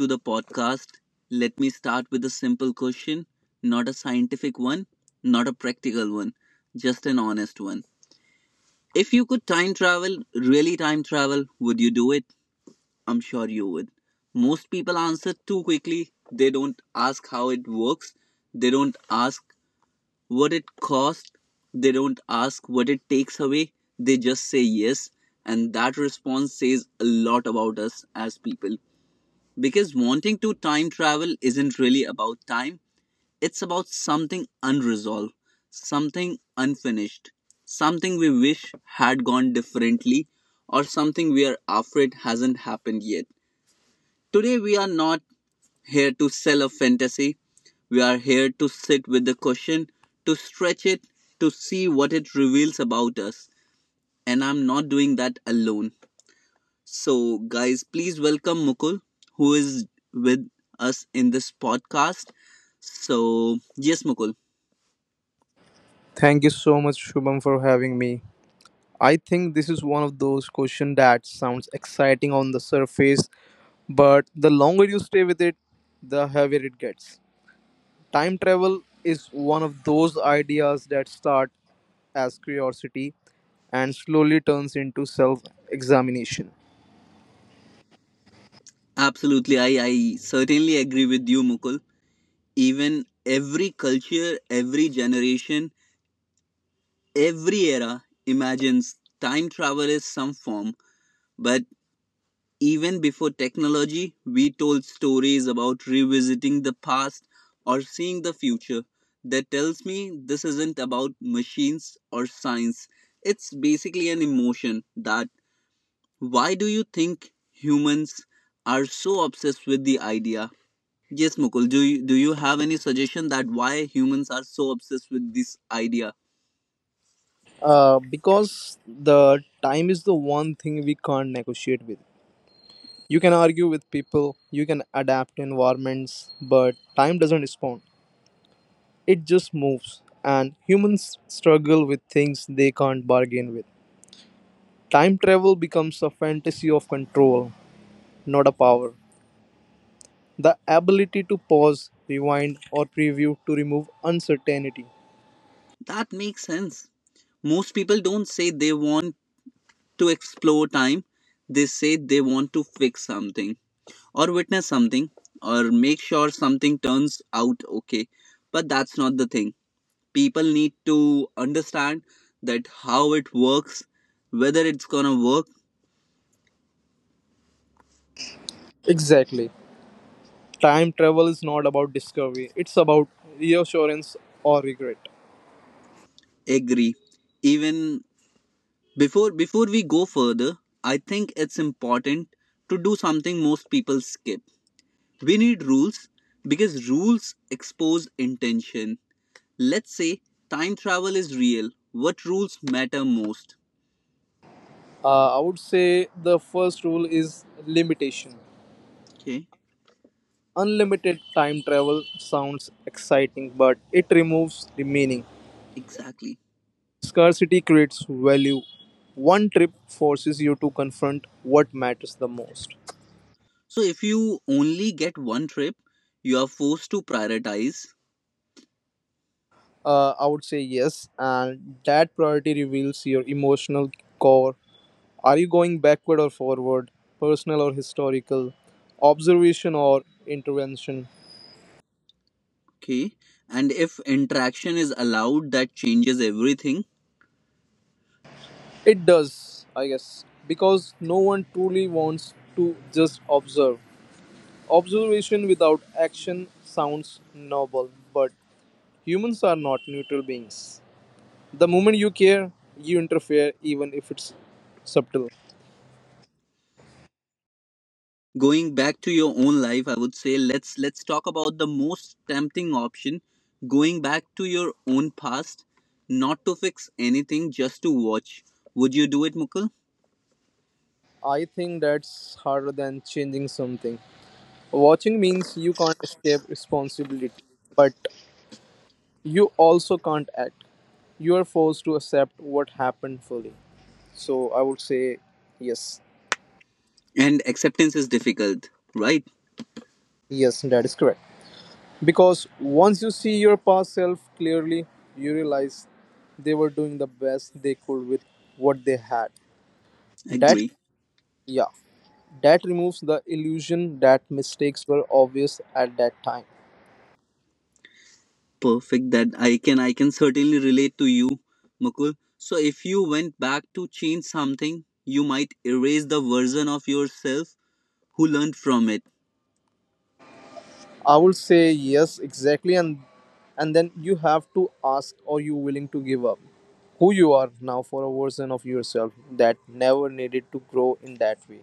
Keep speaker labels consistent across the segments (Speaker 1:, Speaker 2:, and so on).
Speaker 1: to the podcast. Let me start with a simple question, not a scientific one, not a practical one, just an honest one. If you could time travel, really time travel, would you do it? I'm sure you would. Most people answer too quickly. They don't ask how it works, they don't ask what it costs, they don't ask what it takes away. They just say yes, and that response says a lot about us as people, because wanting to time travel isn't really about time, it's about something unresolved, something unfinished, something we wish had gone differently, or something we are afraid hasn't happened yet. Today we are not here to sell a fantasy, we are here to sit with the question, to stretch it, to see what it reveals about us, and I'm not doing that alone. So, guys, please welcome Mukul, who is with us in this podcast. So, yes, Mukul,
Speaker 2: Thank you so much, Shubham, for having me. I think this is one of those questions that sounds exciting on the surface, but the longer you stay with it, the heavier it gets. Time travel is one of those ideas that start as curiosity and slowly turns into self examination.
Speaker 1: absolutely. I certainly agree with you, Mukul. Even every culture, every generation, every era imagines time travel is some form, but even before technology, we told stories about revisiting the past or seeing the future. That tells me this isn't about machines or science. It's basically an emotion. That, why do you think humans are so obsessed with the idea? Yes, Mukul, do you have any suggestion that why humans are so obsessed with this idea?
Speaker 2: Because the time is the one thing we can't negotiate with. You can argue with people, you can adapt to environments, but time doesn't respond. It just moves, and humans struggle with things they can't bargain with. Time travel becomes a fantasy of control, not a power. The ability to pause, rewind, or preview to remove uncertainty.
Speaker 1: That makes sense. Most people don't say they want to explore time. They say they want to fix something, or witness something, or make sure something turns out okay. But that's not the thing. People need to understand that how it works, whether it's gonna work.
Speaker 2: Exactly. Time travel is not about discovery, it's about reassurance or regret.
Speaker 1: Agree. Even before we go further, I think it's important to do something most people skip. We need rules because rules expose intention. Let's say time travel is real. What rules matter most?
Speaker 2: I would say the first rule is limitation.
Speaker 1: Okay,
Speaker 2: Unlimited time travel sounds exciting, but it removes the meaning.
Speaker 1: exactly.
Speaker 2: Scarcity creates value. One trip forces you to confront what matters the most.
Speaker 1: So if you only get one trip, you are forced to prioritize.
Speaker 2: I would say yes, and that priority reveals your emotional core. Are you going backward or forward, personal or historical, observation or intervention?
Speaker 1: Okay, and if interaction is allowed, that changes everything.
Speaker 2: It does, I guess, because no one truly wants to just observe. Observation without action sounds noble, but humans are not neutral beings. The moment you care, you interfere, even if it's subtle.
Speaker 1: Going back to your own life, I would say let's talk about the most tempting option, going back to your own past, not to fix anything, just to watch. Would you do it, Mukul?
Speaker 2: I think that's harder than changing something. Watching means you can't escape responsibility, but you also can't act. You are forced to accept what happened fully. So I would say yes.
Speaker 1: And acceptance is difficult, right?
Speaker 2: Yes, that is correct. Because once you see your past self clearly, you realize they were doing the best they could with what they had. That,
Speaker 1: Agree.
Speaker 2: yeah. That removes the illusion that mistakes were obvious at that time.
Speaker 1: Perfect. That I can certainly relate to you, Mukul. So if you went back to change something, you might erase the version of yourself who learned from it.
Speaker 2: I would say yes, exactly, and then you have to ask, are you willing to give up who you are now for a version of yourself that never needed to grow in that way?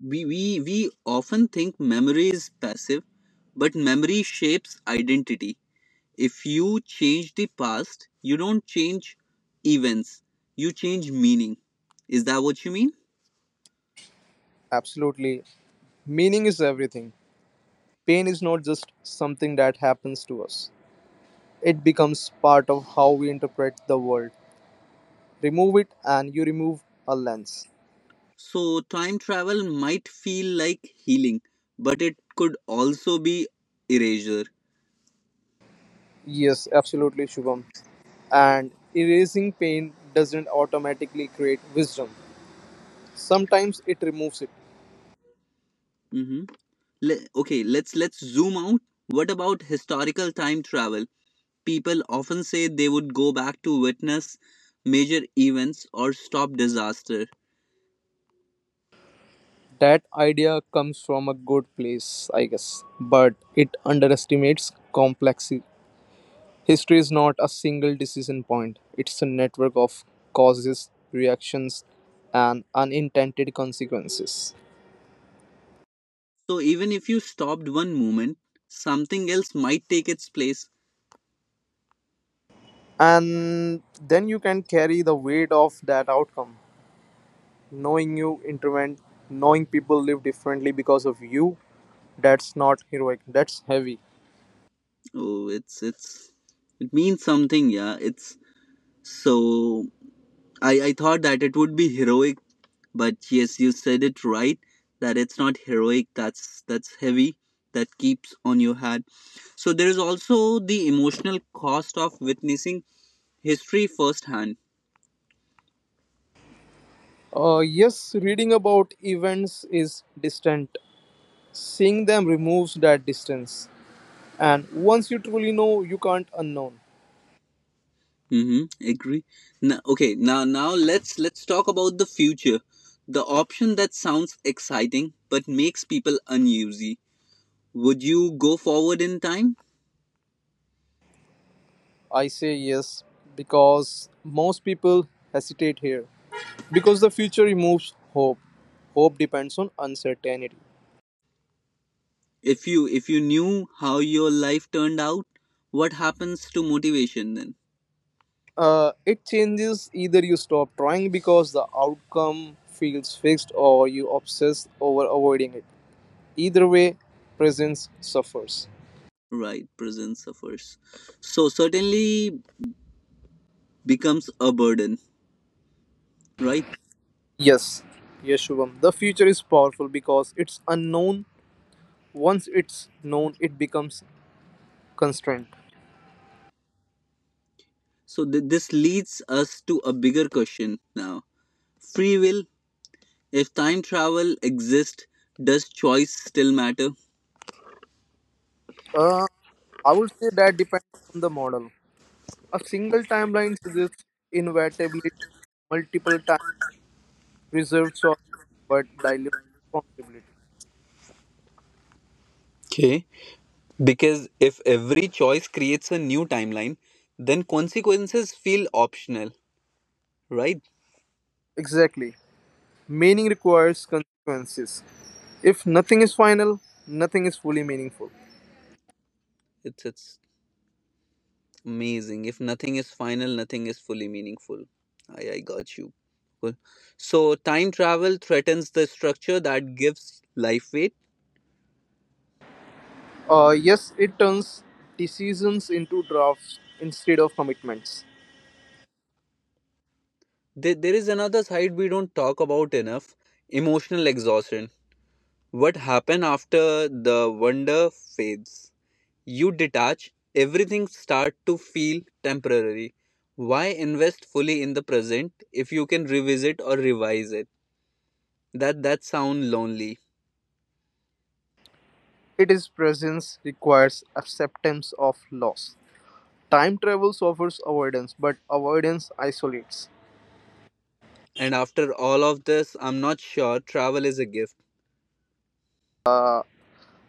Speaker 1: We often think memory is passive, but memory shapes identity. If you change the past, you don't change events. You change meaning. Is that what you mean?
Speaker 2: Absolutely, meaning is everything. Pain is not just something that happens to us; it becomes part of how we interpret the world. Remove it, and you remove a lens.
Speaker 1: So time travel might feel like healing, but it could also be erasure.
Speaker 2: Yes, absolutely, Shubham. And erasing pain doesn't automatically create wisdom. Sometimes it removes it.
Speaker 1: hmm okay, let's zoom out. What about historical time travel? People often say they would go back to witness major events or stop disaster.
Speaker 2: That idea comes from a good place, I guess, but it underestimates complexity. History is not a single decision point, it's a network of causes, reactions, and unintended consequences.
Speaker 1: So even if you stopped one moment, something else might take its place.
Speaker 2: And then you can carry the weight of that outcome, knowing you intervened, knowing people live differently because of you. That's not heroic, that's heavy.
Speaker 1: Oh, it means something, yeah. It's so I thought that it would be heroic. But yes, you said it right that it's not heroic. That's heavy. That keeps on your head. So there is also the emotional cost of witnessing history firsthand.
Speaker 2: Yes, reading about events is distant. Seeing them removes that distance. And once you truly know, you can't unknown.
Speaker 1: Mm-hmm. Agree. Now, okay. Now let's talk about the future. The option that sounds exciting but makes people uneasy. Would you go forward in time
Speaker 2: I say yes because most people hesitate here. Because the future removes hope. Hope depends on uncertainty.
Speaker 1: if you knew how your life turned out? What happens to motivation then?
Speaker 2: It changes. Either you stop trying because the outcome feels fixed or you obsess over avoiding it. Either way, presence suffers.
Speaker 1: Right, prison suffers. So certainly becomes a burden, right?
Speaker 2: Yes, yes, Shubham. The future is powerful because it's unknown. Once it's known, it becomes constrained.
Speaker 1: So this leads us to a bigger question now. Free will, if time travel exists, does choice still matter?
Speaker 2: Uh, I would say that depends on the model. A single timeline suggests inevitability, multiple times reserved choice, but dilute responsibility.
Speaker 1: Okay. Because if every choice creates a new timeline, then consequences feel optional, right?
Speaker 2: Exactly. Meaning requires consequences. If nothing is final, nothing is fully meaningful.
Speaker 1: It's amazing. If nothing is final, nothing is fully meaningful. I got you. Cool. So, time travel threatens the structure that gives life weight.
Speaker 2: Yes, it turns decisions into drafts instead of commitments.
Speaker 1: There is another side we don't talk about enough, emotional exhaustion. What happens after the wonder fades? You detach, everything start to feel temporary. Why invest fully in the present if you can revisit or revise it? That sound lonely.
Speaker 2: Its presence requires acceptance of loss. Time travel offers avoidance, but avoidance isolates.
Speaker 1: And after all of this, I'm not sure travel is a gift.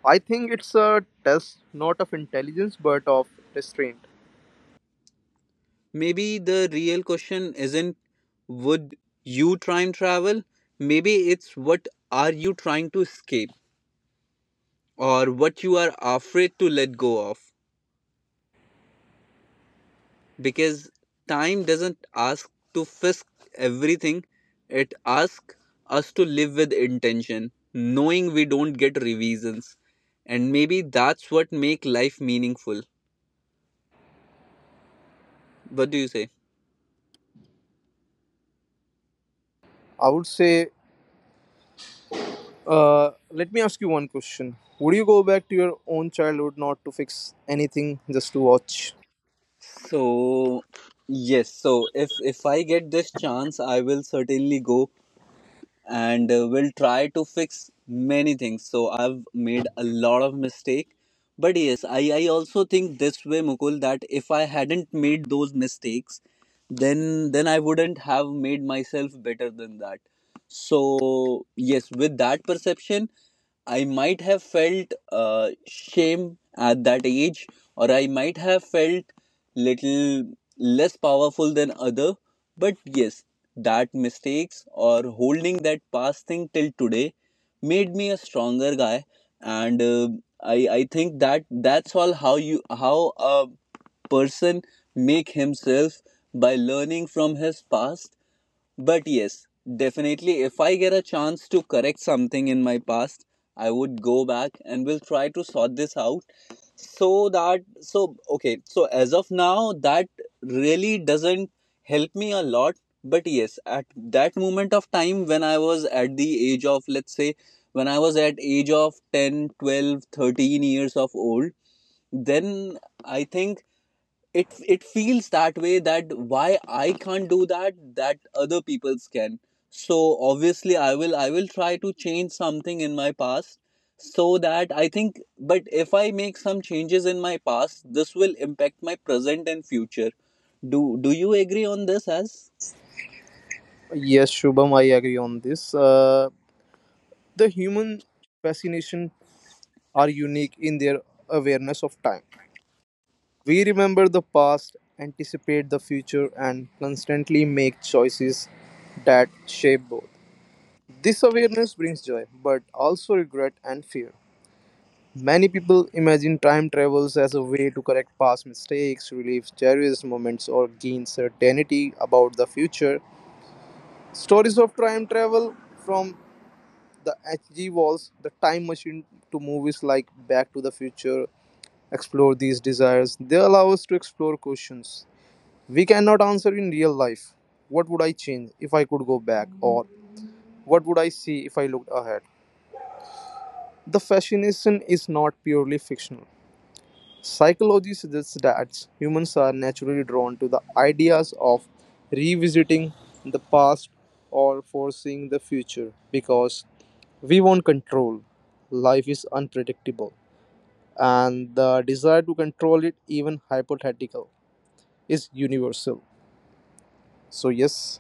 Speaker 2: I think it's a test not of intelligence but of restraint.
Speaker 1: Maybe the real question isn't would you try and travel? Maybe it's what are you trying to escape or what you are afraid to let go of? Because time doesn't ask to fix everything, it asks us to live with intention, knowing we don't get revisions. And maybe that's what make life meaningful. What do you say?
Speaker 2: I would say, let me ask you one question. Would you go back to your own childhood not to fix anything, just to watch?
Speaker 1: So yes, so if I get this chance, I will certainly go and will try to fix many things. So I've made a lot of mistake, but yes, I also think this way, Mukul, that if I hadn't made those mistakes, then I wouldn't have made myself better than that. So yes, with that perception. I might have felt shame at that age, or I might have felt little less powerful than other. But yes, that mistakes or holding that past thing till today made me a stronger guy, and I think that's all how you how a person make himself by learning from his past. But yes, definitely, if I get a chance to correct something in my past, I would go back and will try to sort this out, so that, so, okay, so as of now, that really doesn't help me a lot. But yes, at that moment of time when I was at the age of, let's say, when I was at age of 10, 12, 13 years of old, then I think it feels that way, that why I can't do that other people's can. So obviously I will try to change something in my past, so that, I think, but if I make some changes in my past, this will impact my present and future. Do you agree on this as
Speaker 2: Yes, Shubham, I agree on this. The human fascination are unique in their awareness of time. We remember the past, anticipate the future, and constantly make choices that shape both. This awareness brings joy, but also regret and fear. Many people imagine time travels as a way to correct past mistakes, relieve cherished moments, or gain certainty about the future. Stories of time travel from the HG walls, the time machine to movies like Back to the Future, explore these desires. They allow us to explore questions we cannot answer in real life. What would I change if I could go back? Or what would I see if I looked ahead? The fascination is not purely fictional. Psychology suggests that humans are naturally drawn to the ideas of revisiting the past or foreseeing the future because we want control. Life is unpredictable, and the desire to control it, even hypothetical, is universal. So, yes,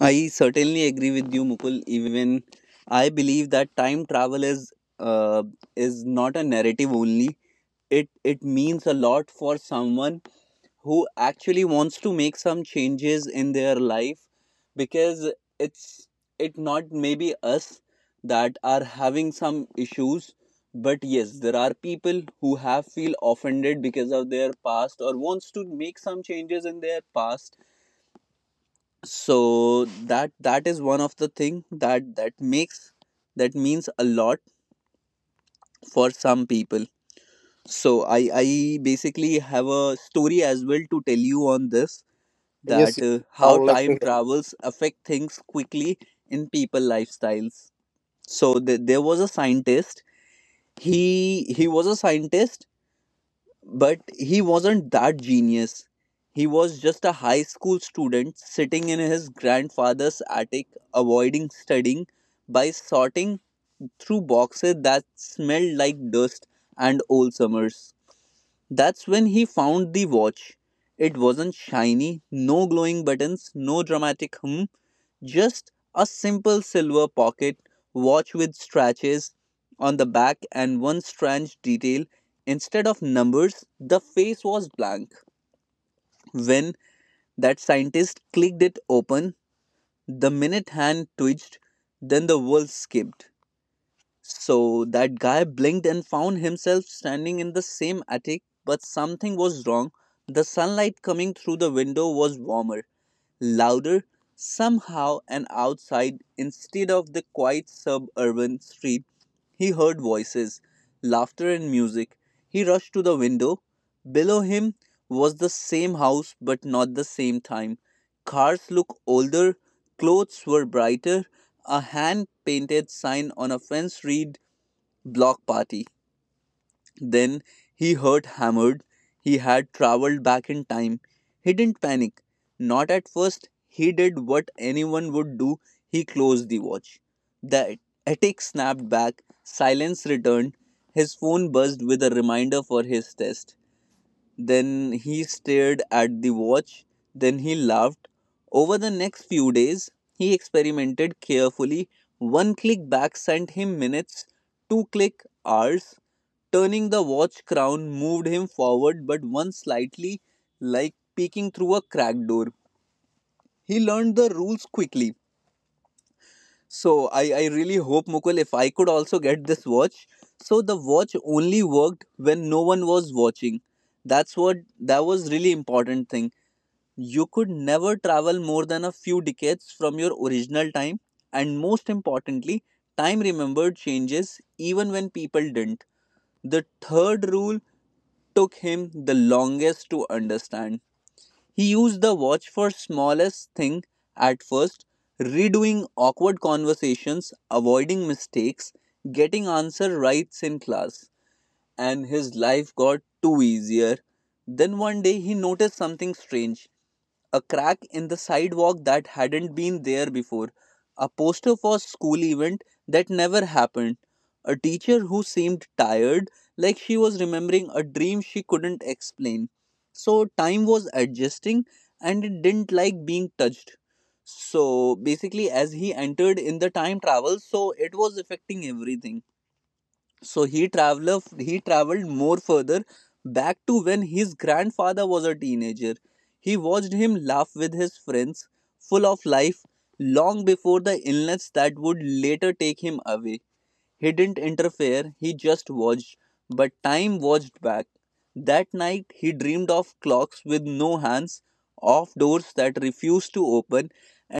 Speaker 1: I certainly agree with you, Mukul. Even I believe that time travel uh, is not a narrative only. It means a lot for someone who actually wants to make some changes in their life, because it's it not maybe us that are having some issues, but yes, there are people who have feel offended because of their past or wants to make some changes in their past, so that is one of the thing that means a lot for some people. So I basically have a story as well to tell you on this, that
Speaker 2: yes, I
Speaker 1: how
Speaker 2: would like
Speaker 1: time
Speaker 2: to
Speaker 1: travels affect things quickly in people lifestyles. So there was a scientist. He was a scientist, but he wasn't that genius. He was just a high school student sitting in his grandfather's attic, avoiding studying by sorting through boxes that smelled like dust and old summers. That's when he found the watch. It wasn't shiny, no glowing buttons, no dramatic hum, just a simple silver pocket watch with stretches on the back and one strange detail. Instead of numbers, the face was blank. When that scientist clicked it open, the minute hand twitched, then the world skipped. So that guy blinked and found himself standing in the same attic, but something was wrong. The sunlight coming through the window was warmer, louder somehow, and outside, instead of the quiet suburban street, he heard voices, laughter, and music. He rushed to the window. Below him was the same house, but not the same time. Cars looked older, clothes were brighter, a hand painted sign on a fence read block party. Then he heard hammered. He had traveled back in time. He didn't panic. Not at first. He did what anyone would do. He closed the watch. The attic snapped back. Silence returned. His phone buzzed with a reminder for his test. Then he stared at the watch. Then he laughed. Over the next few days, he experimented carefully. One click back sent him minutes, two click hours, turning the watch crown moved him forward, but one slightly, like peeking through a cracked door. He learned the rules quickly. So I really hope, Mukul, if I could also get this watch. So the watch only worked when no one was watching. That's what that was really important thing. You could never travel more than a few decades from your original time, and most importantly, time remembered changes even when people didn't. The third rule took him the longest to understand. He used the watch for smallest thing at first, redoing awkward conversations, avoiding mistakes, getting answer rights in class, and his life got too easier. Then one day he noticed something strange, a crack in the sidewalk that hadn't been there before, a poster for a school event that never happened, a teacher who seemed tired, like she was remembering a dream she couldn't explain. So, time was adjusting and it didn't like being touched. So, basically, as he entered in the time travel, so it was affecting everything, so he traveled more further back to when his grandfather was a teenager. He watched him laugh with his friends, full of life, long before the illness that would later take him away. He didn't interfere, he just watched, but time watched back. That night he dreamed of clocks with no hands, of doors that refused to open,